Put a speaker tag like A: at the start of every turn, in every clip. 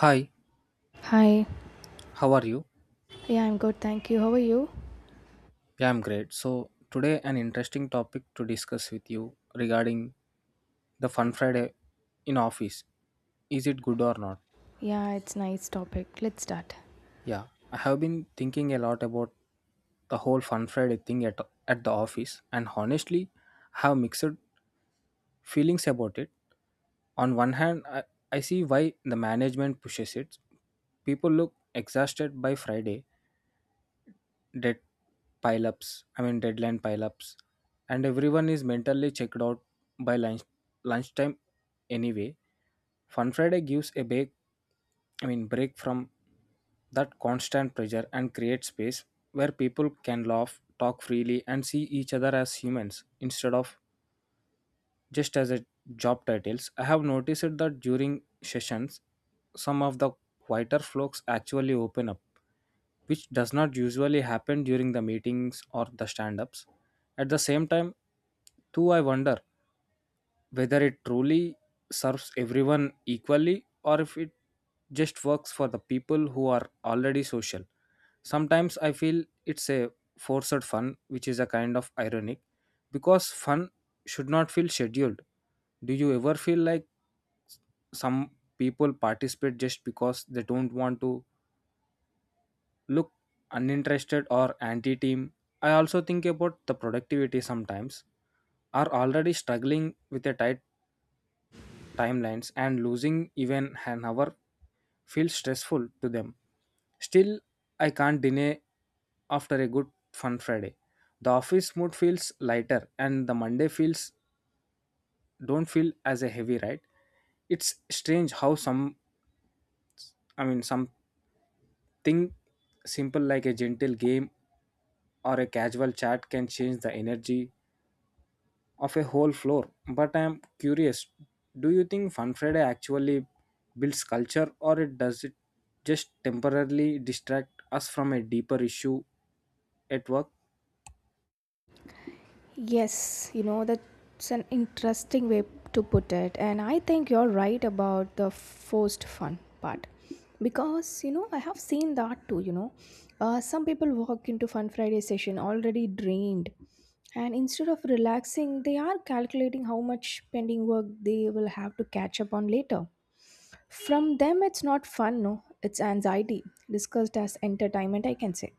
A: Hi,
B: Hi.
A: how are you?
B: Yeah, I'm good. Thank you. How are you?
A: Yeah, I'm great. So, today an interesting topic to discuss with you regarding the Fun Friday in office. Is it good or not?
B: Yeah, it's nice topic. Let's start.
A: Yeah, I have been thinking a lot about the whole Fun Friday thing at the office, and honestly have mixed feelings about it. On one hand, I see why the management pushes it. People look exhausted by Friday dead pileups. Deadline pileups, and everyone is mentally checked out by lunchtime anyway. Fun Friday gives a break. Break from that constant pressure, and creates space where people can laugh, talk freely, and see each other as humans instead of just as a job titles. I have noticed that during sessions some of the quieter folks actually open up, which does not usually happen during the meetings or the stand-ups. At the same time, too, I wonder whether it truly serves everyone equally, or if it just works for the people who are already social. Sometimes I feel it's a forced fun, which is a kind of ironic, because fun should not feel scheduled. Do you ever feel like some people participate just because they don't want to look uninterested or anti team? I also think about the productivity sometimes are already struggling with a tight timelines, and losing even an hour feels stressful to them. Still, I can't deny after a good fun Friday. The office mood feels lighter and the Monday feels don't feel as a heavy, right? It's strange how something simple like a gentle game or a casual chat can change the energy of a whole floor. But I am curious, do you think Fun Friday actually builds culture, or it does it just temporarily distract us from a deeper issue at work?
B: Yes, you know that's an interesting way to put it and I think you're right about the forced fun part. Because you know, I have seen that too. Some people walk into Fun Friday session already drained and instead of relaxing, they are calculating how much pending work they will have to catch up on later. From them, it's not fun, no, it's anxiety, discussed as entertainment, I can say.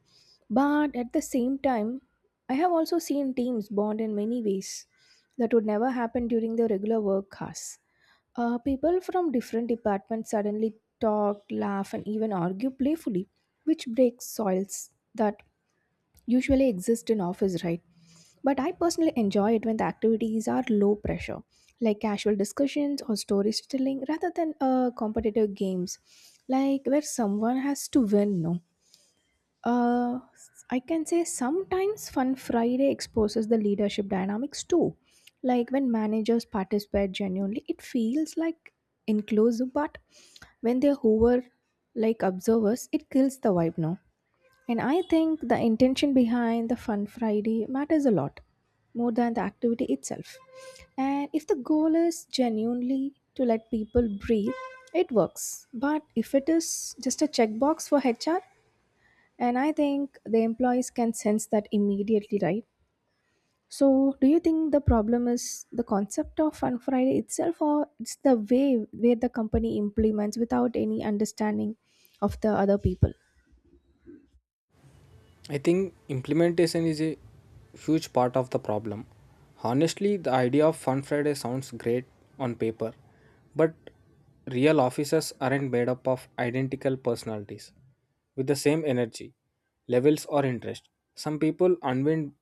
B: But at the same time, I have also seen teams bond in many ways that would never happen during the regular work hours. People from different departments suddenly talk, laugh, and even argue playfully, which breaks soils that usually exist in office, right? But I personally enjoy it when the activities are low pressure, like casual discussions or storytelling rather than competitive games like where someone has to win, no. uh, I can say sometimes Fun Friday exposes the leadership dynamics too, like when managers participate genuinely it feels like inclusive, but when they hover like observers it kills the vibe, no. And I think the intention behind the Fun Friday matters a lot, more than the activity itself. And if the goal is genuinely to let people breathe, it works. But if it is just a checkbox for HR, and I think the employees can sense that immediately, right? So, do you think the problem is the concept of Fun Friday itself, or it's the way where the company implements without any understanding of the other people?
A: I think implementation is a huge part of the problem. Honestly, the idea of Fun Friday sounds great on paper, but real offices aren't made up of identical personalities with the same energy, levels, or interest. Some people unwind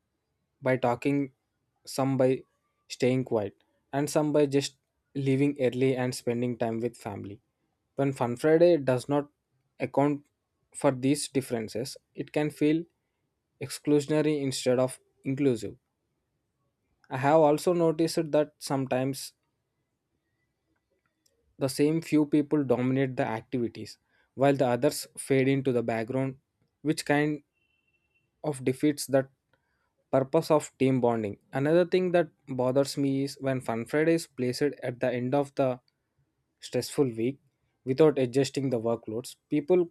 A: by talking, some by staying quiet, and some by just leaving early and spending time with family. When Fun Friday does not account for these differences, it can feel exclusionary instead of inclusive. I have also noticed that sometimes the same few people dominate the activities while the others fade into the background, which kind of defeats that purpose of team bonding. Another thing that bothers me is when Fun Friday is placed at the end of the stressful week without adjusting the workloads. People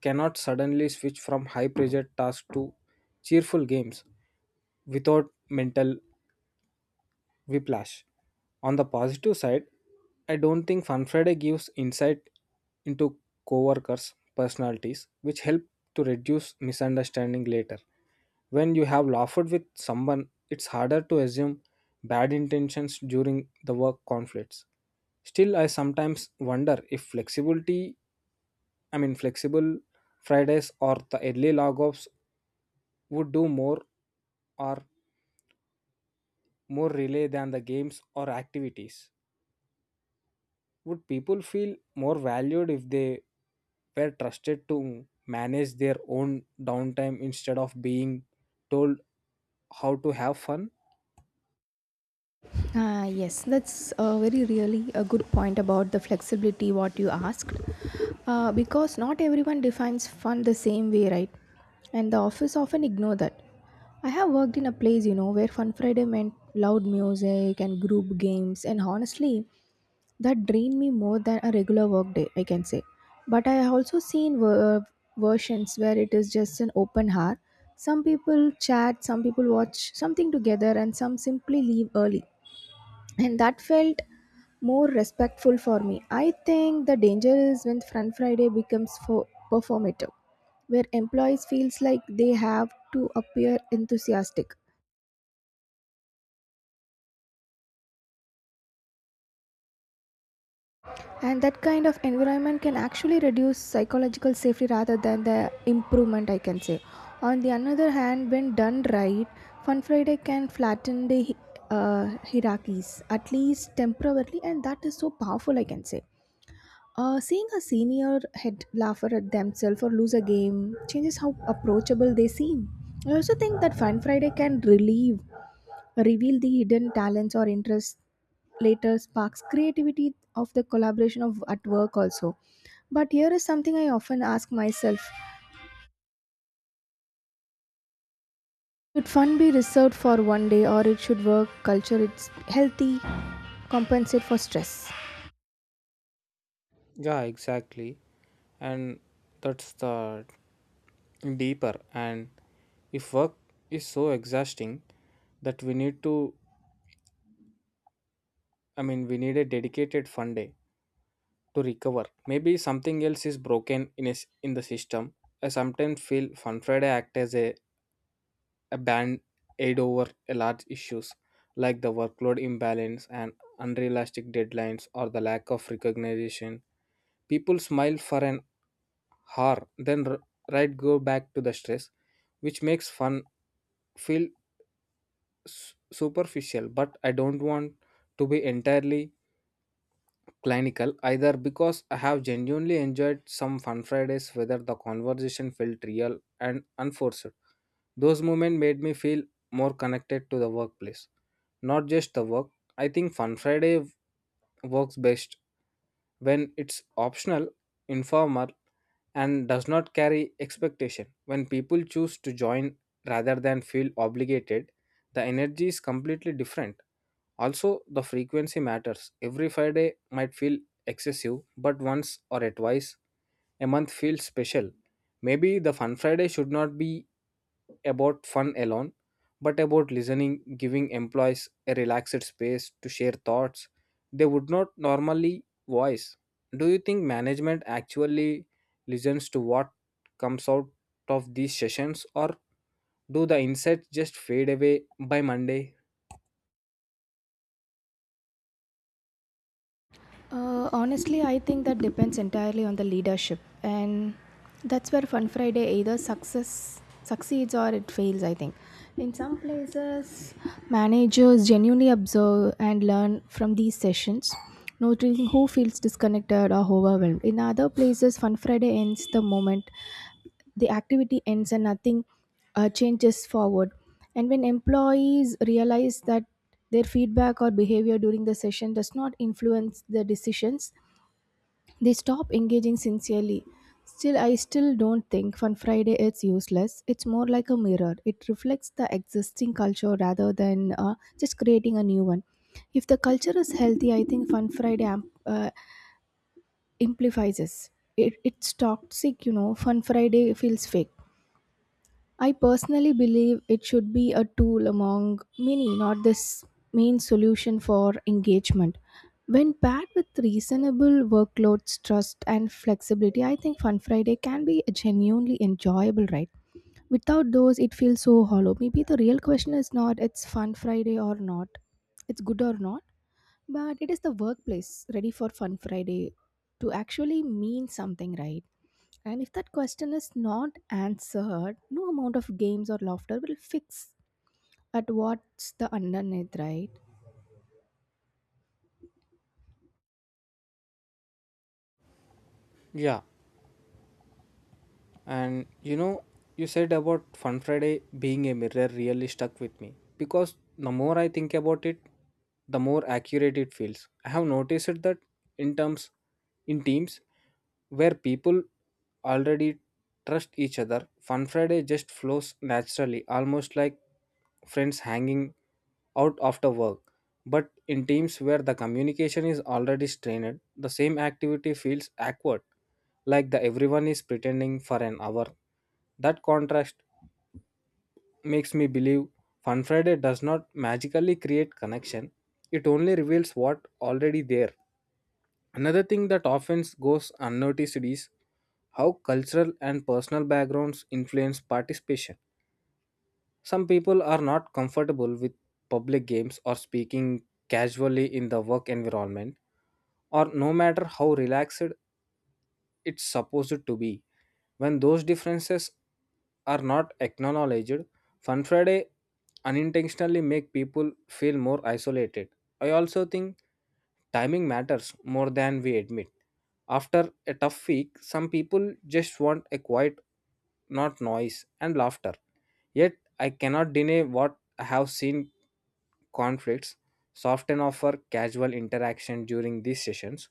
A: cannot suddenly switch from high pressure tasks to cheerful games without mental whiplash. On the positive side, I don't think Fun Friday gives insight into coworkers' personalities, which help to reduce misunderstanding later. When you have laughed with someone, it's harder to assume bad intentions during the work conflicts. Still, I sometimes wonder if flexible Fridays or the early log offs would do more or more relay than the games or activities. Would people feel more valued if they were trusted to manage their own downtime instead of being told how to have fun?
B: Ah, yes, that's very really a good point about the flexibility what you asked. Because not everyone defines fun the same way, right? And the office often ignore that. I have worked in a place, you know, where Fun Friday meant loud music and group games, and honestly, that drained me more than a regular work day, I can say. But I have also seen versions where it is just an open hour. Some people chat, some people watch something together, and some simply leave early, and that felt more respectful for me. I think the danger is when front Friday becomes for performative, where employees feels like they have to appear enthusiastic, and that kind of environment can actually reduce psychological safety rather than the improvement, I can say. On the another hand, when done right, Fun Friday can flatten the hierarchies at least temporarily, and that is so powerful, I can say. Seeing a senior head laugh at themselves or lose a game changes how approachable they seem. I also think that Fun Friday can reveal the hidden talents or interests later, sparks creativity of the collaboration of at work also. But here is something I often ask myself: should fun be reserved for one day, or it should work culture? It's healthy, compensate for stress.
A: Yeah, exactly. And that's the deeper. And if work is so exhausting that we need a dedicated fun day to recover. Maybe something else is broken in a s in the system. I sometimes feel Fun Friday act as a band aid over a large issues like the workload imbalance and unrealistic deadlines or the lack of recognition. People smile for an hour, then right go back to the stress, which makes fun feel superficial. But I don't want to be entirely clinical either, because I have genuinely enjoyed some fun Fridays, whether the conversation felt real and unforced. Those moments made me feel more connected to the workplace. Not just the work. I think Fun Friday works best when it's optional, informal, and does not carry expectation. When people choose to join rather than feel obligated, the energy is completely different. Also, the frequency matters. Every Friday might feel excessive, but once or twice a month feels special. Maybe the Fun Friday should not be about fun alone, but about listening, giving employees a relaxed space to share thoughts they would not normally voice. Do you think management actually listens to what comes out of these sessions, or do the insights just fade away by Monday?
B: Honestly, I think that depends entirely on the leadership, and that's where Fun Friday either success succeeds or it fails. I think in some places, managers genuinely observe and learn from these sessions, noting who feels disconnected or overwhelmed. In other places, Fun Friday ends the moment the activity ends and nothing changes forward. And when employees realize that their feedback or behavior during the session does not influence the decisions, they stop engaging sincerely. Still, I still don't think Fun Friday is useless. It's more like a mirror. It reflects the existing culture rather than just creating a new one. If the culture is healthy, I think Fun Friday amplifies it. It's toxic, you know. Fun Friday feels fake. I personally believe it should be a tool among many, not this main solution for engagement. When paired with reasonable workloads, trust, and flexibility, I think Fun Friday can be genuinely enjoyable, right? Without those, it feels so hollow. Maybe the real question is not it's Fun Friday or not, it's good or not, but it is the workplace ready for Fun Friday to actually mean something, right? And if that question is not answered, no amount of games or laughter will fix at what's the underneath, right?
A: Yeah. And you know, you said about Fun Friday being a mirror really stuck with me, because the more I think about it, the more accurate it feels. I have noticed that in terms in teams where people already trust each other, Fun Friday just flows naturally, almost like friends hanging out after work. But in teams where the communication is already strained, the same activity feels awkward, like the everyone is pretending for an hour. That contrast makes me believe Fun Friday does not magically create connection. It only reveals what already there. Another thing that often goes unnoticed is how cultural and personal backgrounds influence participation. Some people are not comfortable with public games or speaking casually in the work environment, or no matter how relaxed it's supposed to be. When those differences are not acknowledged, Fun Friday unintentionally make people feel more isolated. I also think timing matters more than we admit. After a tough week, some people just want a quiet, not noise, and laughter. Yet I cannot deny what I have seen conflicts soften offer casual interaction during these sessions.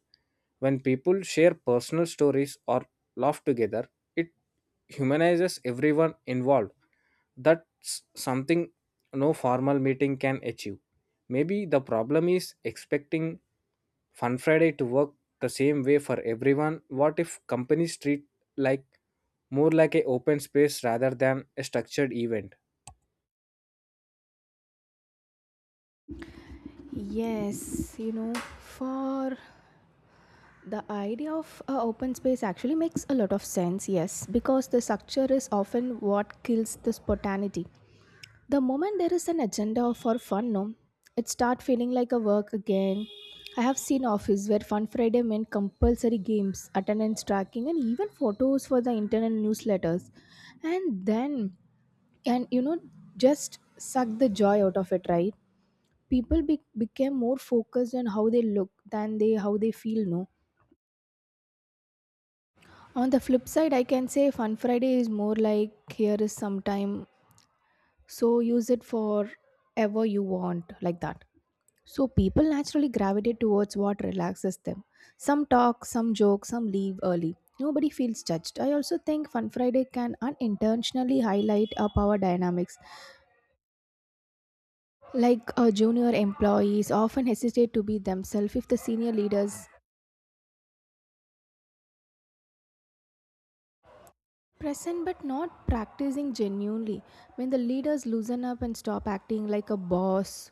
A: When people share personal stories or laugh together, it humanizes everyone involved. That's something no formal meeting can achieve. Maybe the problem is expecting Fun Friday to work the same way for everyone. What if companies treat like more like a open space rather than a structured event?
B: Yes, you know, for the idea of a open space actually makes a lot of sense, yes, because the structure is often what kills the spontaneity. The moment there is an agenda for fun, no, it start feeling like a work again. I have seen office where Fun Friday meant compulsory games, attendance tracking, and even photos for the internet newsletters. And then, and you know, just suck the joy out of it, right? People became more focused on how they look than they how they feel, no. On the flip side, I can say Fun Friday is more like here is some time, so use it for ever you want, like that. So people naturally gravitate towards what relaxes them. Some talk, some joke, some leave early. Nobody feels judged. I also think Fun Friday can unintentionally highlight our power dynamics. Like junior employees often hesitate to be themselves if the senior leaders present but not practicing genuinely. When the leaders loosen up and stop acting like a boss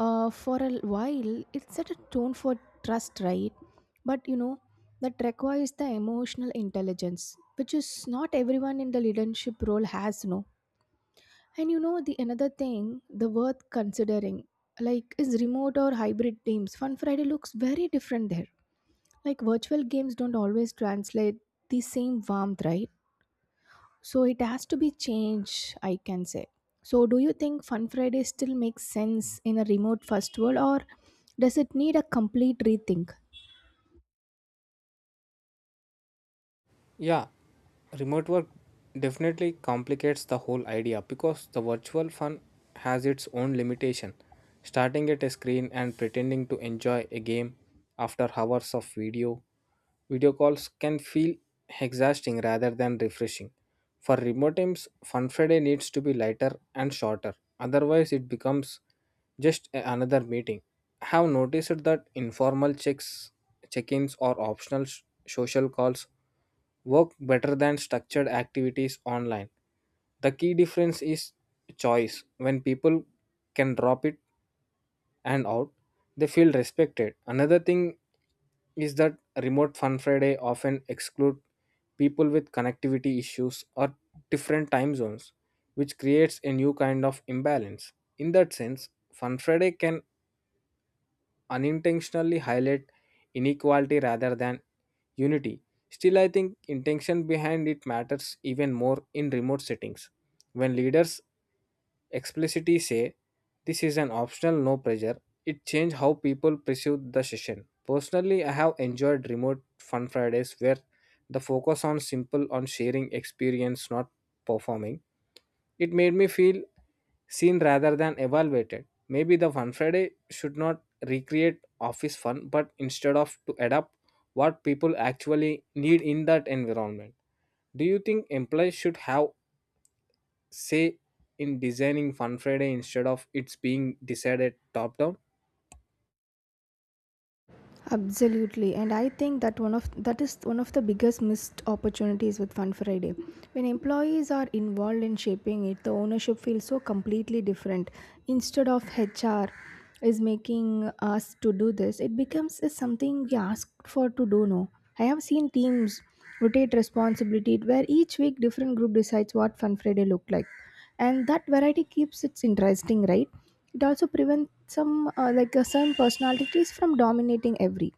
B: for a while, it set a tone for trust, right? But you know, that requires the emotional intelligence, which is not everyone in the leadership role has, no. And you know, the another thing, the worth considering, like is remote or hybrid teams. Fun Friday looks very different there. Like virtual games don't always translate the same warmth, right? So it has to be changed, I can say. So do you think Fun Friday still makes sense in a remote first world, or does it need a complete rethink?
A: Yeah, remote work definitely complicates the whole idea because the virtual fun has its own limitation. Starting at a screen and pretending to enjoy a game after hours of video calls can feel exhausting rather than refreshing. For remote teams, Fun Friday needs to be lighter and shorter, otherwise, it becomes just another meeting. I have noticed that informal check ins, or optional social calls work better than structured activities online. The key difference is choice. When people can drop it and out, they feel respected. Another thing is that remote fun Friday often exclude people with connectivity issues or different time zones, which creates a new kind of imbalance. In that sense, fun Friday can unintentionally highlight inequality rather than unity. Still, I think intention behind it matters even more in remote settings. When leaders explicitly say this is an optional no pressure, it changes how people perceive the session. Personally, I have enjoyed remote fun Fridays where the focus on sharing experience, not performing. It made me feel seen rather than evaluated. Maybe the Fun Friday should not recreate office fun, but instead of to adapt what people actually need in that environment. Do you think employees should have say in designing Fun Friday instead of it's being decided top down?
B: Absolutely, and I think that one of the biggest missed opportunities with Fun Friday. When employees are involved in shaping it, the ownership feels so completely different. Instead of HR is making us to do this, it becomes is something we ask for to do. No, I have seen teams rotate responsibility where each week different group decides what Fun Friday look like, and that variety keeps it interesting, right? It also prevents some certain personalities from dominating every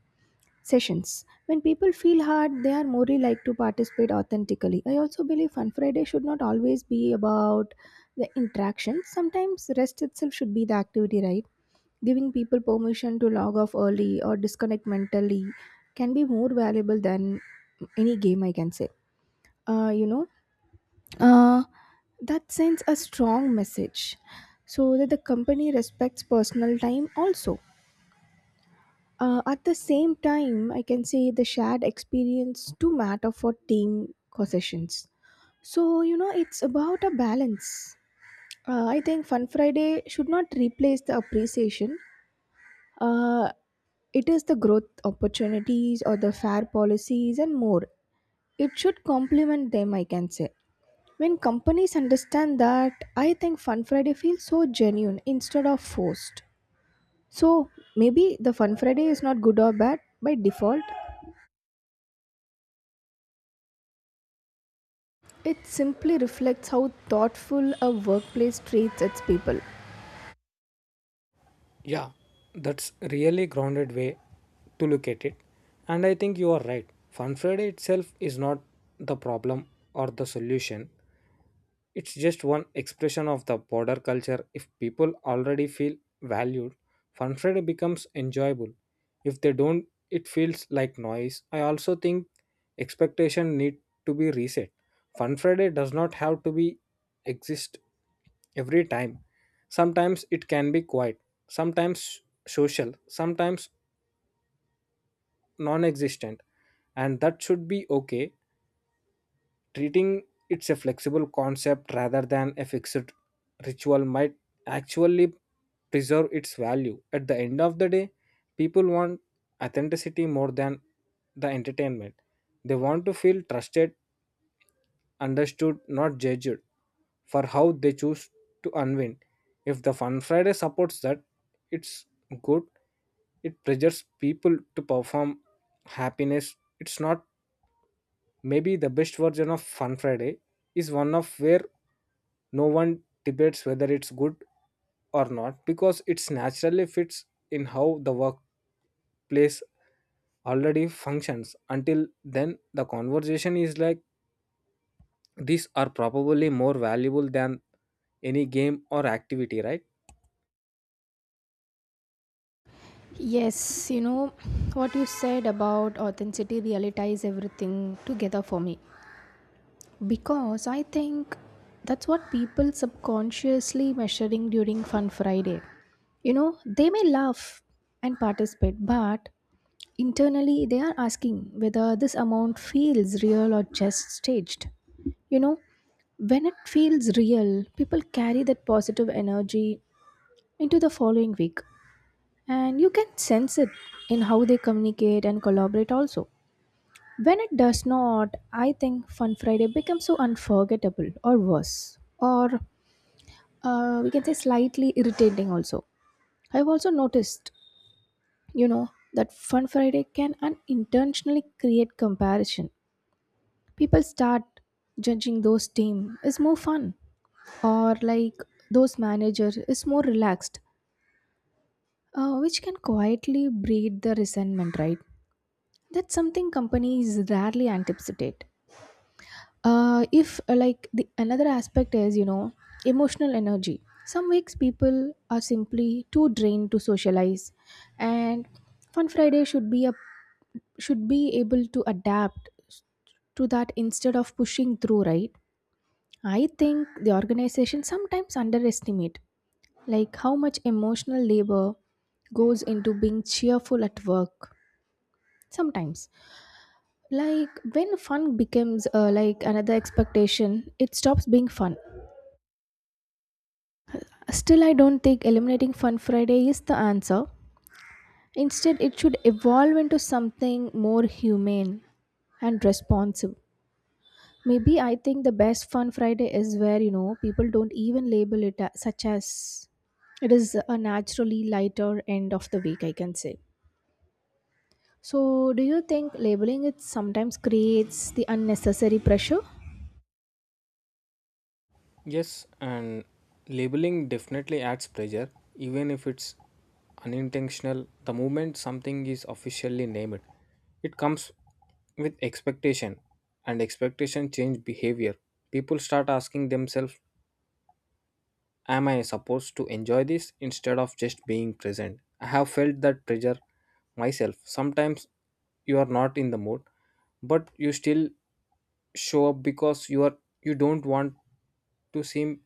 B: sessions. When people feel hard, they are more likely to participate authentically. I also believe Fun Friday should not always be about the interaction. Sometimes rest itself should be the activity, right? Giving people permission to log off early or disconnect mentally can be more valuable than any game, I can say. Uh, you know, uh, that sends a strong message so that the company respects personal time also. At the same time, I can say the shared experience to matter for team concessions. So you know it's about a balance. I think Fun Friday should not replace the appreciation. uh, it is the growth opportunities or the fair policies, and more it should complement them, I can say. When companies understand that, I think Fun Friday feels so genuine instead of forced. So maybe the Fun Friday is not good or bad by default. It simply reflects how thoughtful a workplace treats its people.
A: Yeah, that's really grounded way to look at it. And I think you are right. Fun Friday itself is not the problem or the solution. It's just one expression of the border culture. If people already feel valued, Fun Friday becomes enjoyable. If they don't, it feels like noise. I also think expectation need to be reset. Fun Friday does not have to be exist every time. Sometimes it can be quiet, sometimes social, sometimes non-existent, and that should be okay. Treating it's a flexible concept rather than a fixed ritual might actually preserve its value. At the end of the day, people want authenticity more than the entertainment. They want to feel trusted, understood, not judged for how they choose to unwind. If the fun Friday supports that, it's good. It pressures people to perform happiness, it's not. Maybe the best version of fun Friday is one of where no one debates whether it's good or not, because it's naturally fits in how the workplace already functions. Until then, the conversation is like these are probably more valuable than any game or activity, right?
B: Yes, you know what you said about authenticity really ties everything together for me because I think that's what people subconsciously measuring during Fun Friday. You know, they may laugh and participate, but internally, they are asking whether this amount feels real or just staged. You know, when it feels real, people carry that positive energy into the following week, and you can sense it in how they communicate and collaborate also. When it does not, I think Fun Friday becomes so unforgettable or worse, or we can say slightly irritating also. I've also noticed, you know, that Fun Friday can unintentionally create comparison. People start judging those team is more fun, or like those manager is more relaxed, which can quietly breed the resentment, right? That's something companies rarely anticipate. If Like, the another aspect is, you know, emotional energy. Some weeks people are simply too drained to socialize, and Fun Friday should be able to adapt to that instead of pushing through, right? I think the organization sometimes underestimate like how much emotional labor goes into being cheerful at work. Sometimes, like, when fun becomes like another expectation, it stops being fun. Still, I don't think eliminating Fun Friday is the answer. Instead it should evolve into something more humane and responsive. Maybe I think the best Fun Friday is where, you know, people don't even label it as, such as it is a naturally lighter end of the week, I can say. So, do you think labeling it sometimes creates the unnecessary pressure?
A: Yes, and labeling definitely adds pressure, even if it's unintentional. The moment something is officially named, it comes with expectation, and expectation change behavior. People start asking themselves, am I supposed to enjoy this instead of just being present? I have felt that pressure myself. Sometimes you are not in the mood, but you still show up because you don't want to seem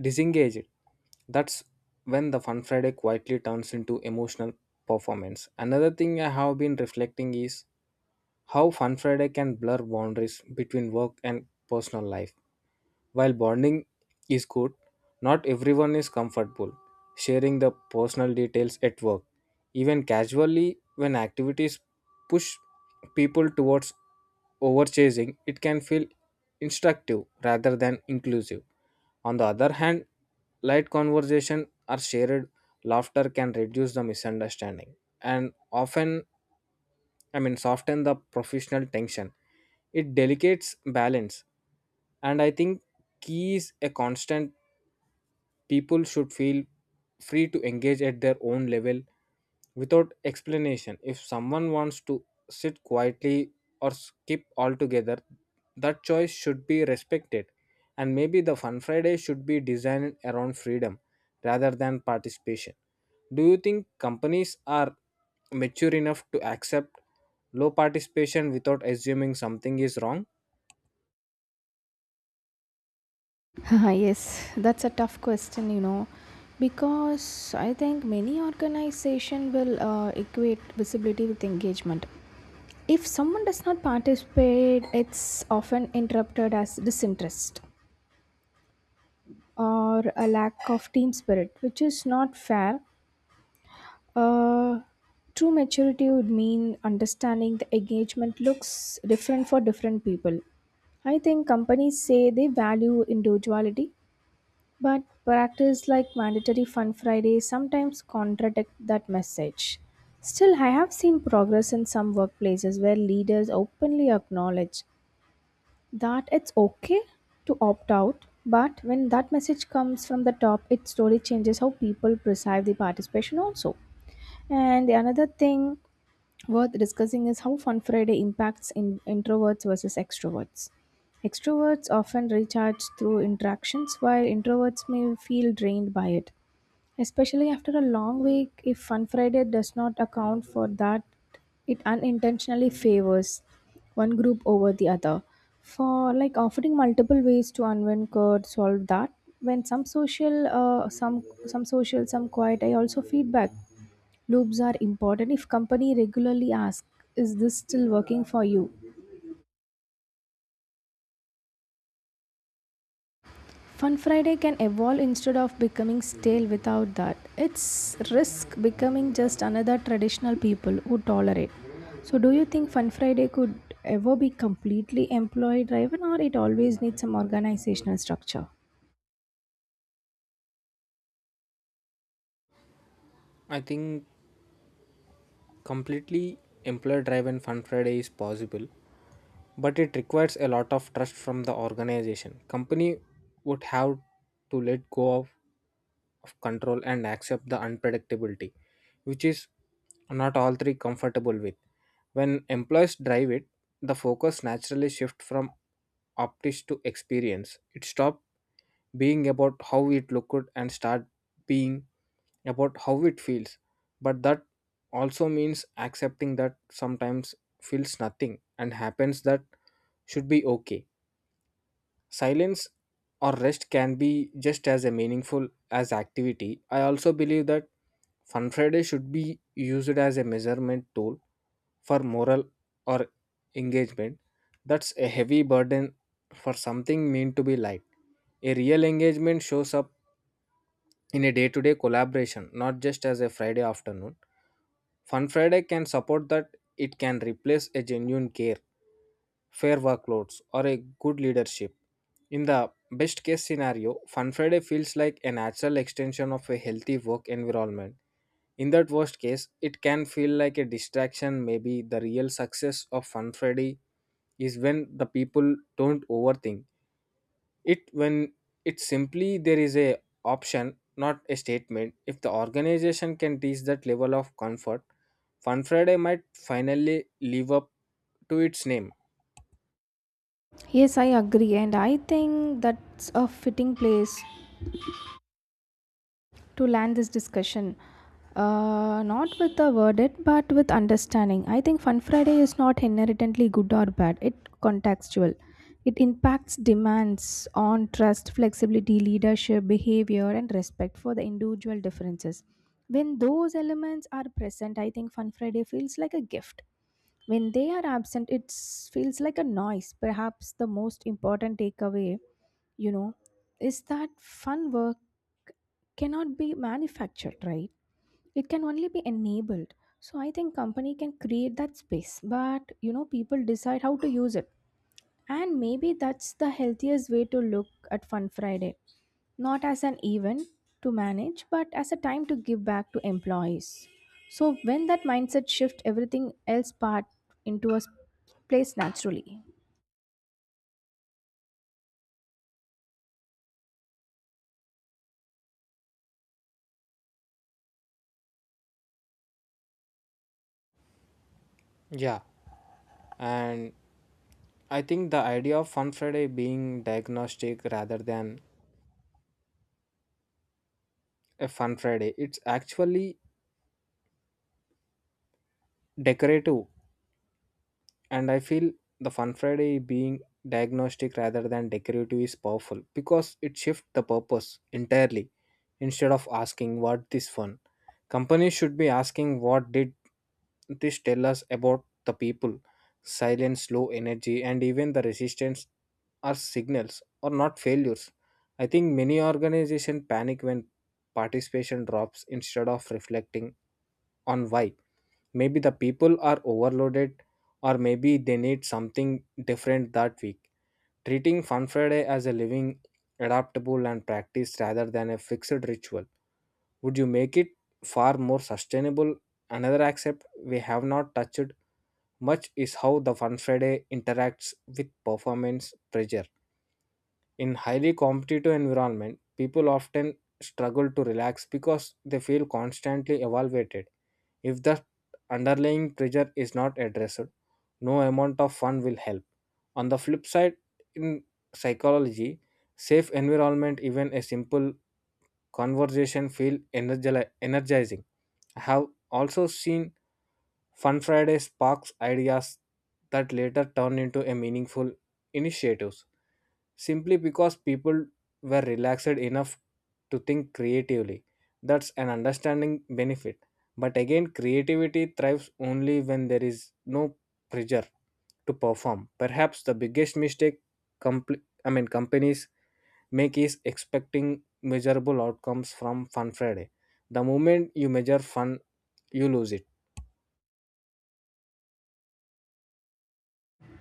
A: disengaged. That's when the Fun Friday quietly turns into emotional performance. Another thing I have been reflecting is how Fun Friday can blur boundaries between work and personal life. While bonding is good, not everyone is comfortable sharing the personal details at work, even casually. When activities push people towards overchasing, it can feel instructive rather than inclusive. On the other hand, light conversation or shared laughter can reduce the misunderstanding and often soften the professional tension. It delicates balance, and I think key is a constant. People should feel free to engage at their own level without explanation. If someone wants to sit quietly or skip altogether, that choice should be respected. And maybe the Fun Friday should be designed around freedom rather than participation. Do you think companies are mature enough to accept low participation without assuming something is wrong?
B: Yes, that's a tough question, you know, because I think many organization will equate visibility with engagement. If someone does not participate, it's often interpreted as disinterest or a lack of team spirit, which is not fair. Uh, True maturity would mean understanding the engagement looks different for different people. I think companies say they value individuality, but practice like mandatory Fun Friday sometimes contradict that message. Still, I have seen progress in some workplaces where leaders openly acknowledge that it's okay to opt out. But when that message comes from the top, it slowly changes how people perceive the participation also. And the another thing worth discussing is how Fun Friday impacts in introverts versus extroverts. Extroverts often recharge through interactions while introverts may feel drained by it, especially after a long week. If Fun Friday does not account for that, it unintentionally favors one group over the other. For like offering multiple ways to unwind could solve that. When some social, some social, some quiet, I also feedback loops are important. If company regularly ask, "Is this still working for you?" Fun Friday can evolve instead of becoming stale. Without that, it's risk becoming just another traditional people who tolerate. So do you think Fun Friday could ever be completely employee driven, or it always needs some organizational structure?
A: I think completely employer driven Fun Friday is possible, but it requires a lot of trust from the organization. Company would have to let go of control and accept the unpredictability, which is not all three comfortable with. When employees drive it, the focus naturally shifts from optics to experience. It stops being about how it looked and start being about how it feels. But that also means accepting that sometimes feels nothing and happens, that should be okay. Silence or rest can be just as a meaningful as activity. I also believe that Fun Friday should be used as a measurement tool for moral or engagement. That's a heavy burden for something meant to be light. A real engagement shows up in a day to day collaboration, not just as a Friday afternoon. Fun Friday can support that, it can replace a genuine care, fair workloads, or a good leadership. In the best case scenario, Fun Friday feels like a natural extension of a healthy work environment. In that worst case, it can feel like a distraction. Maybe the real success of Fun Friday is when the people don't overthink it, when it's simply there is a option, not a statement. If the organization can reach that level of comfort, Fun Friday might finally live up to its name.
B: Yes, I agree and I think that's a fitting place to land this discussion. Not with a verdict, but with understanding. I think Fun Friday is not inherently good or bad. It contextual. It impacts demands on trust, flexibility, leadership, behavior, and respect for the individual differences. When those elements are present, I think Fun Friday feels like a gift. When they are absent, it feels like a noise. Perhaps the most important takeaway, you know, is that fun work cannot be manufactured, right? It can only be enabled. So I think company can create that space, but you know, people decide how to use it. And maybe that's the healthiest way to look at Fun Friday, not as an event to manage, but as a time to give back to employees. So when that mindset shift, everything else part into a place naturally.
A: Yeah, and I think the idea of Fun Friday being diagnostic rather than a Fun Friday, it's actually decorative. And I feel the Fun Friday being diagnostic rather than decorative is powerful because it shifts the purpose entirely. Instead of asking what this fun. Companies should be asking what did this tell us about the people. Silence, low energy, and even the resistance are signals or not failures. I think many organizations panic when participation drops instead of reflecting on why. Maybe the people are overloaded, or maybe they need something different that week. Treating Fun Friday as a living, adaptable, and practice rather than a fixed ritual would you make it far more sustainable. Another aspect we have not touched much is how the fun friday interacts with performance pressure. In highly competitive environment, people often struggle to relax because they feel constantly evaluated. If the underlying pressure is not addressed, no amount of fun will help. On the flip side, in psychology safe environment, even a simple conversation feel energizing. I have also seen Fun Friday sparks ideas that later turn into a meaningful initiatives simply because people were relaxed enough to think creatively. That's an understanding benefit. But again, creativity thrives only when there is no pressure to perform. Perhaps the biggest mistake companies make is expecting measurable outcomes from Fun Friday. The moment you measure fun, you lose it.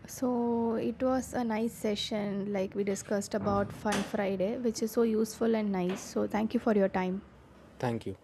B: So it was a nice session, like we discussed about Fun Friday, which is so useful and nice. So thank you for your time.
A: Thank you.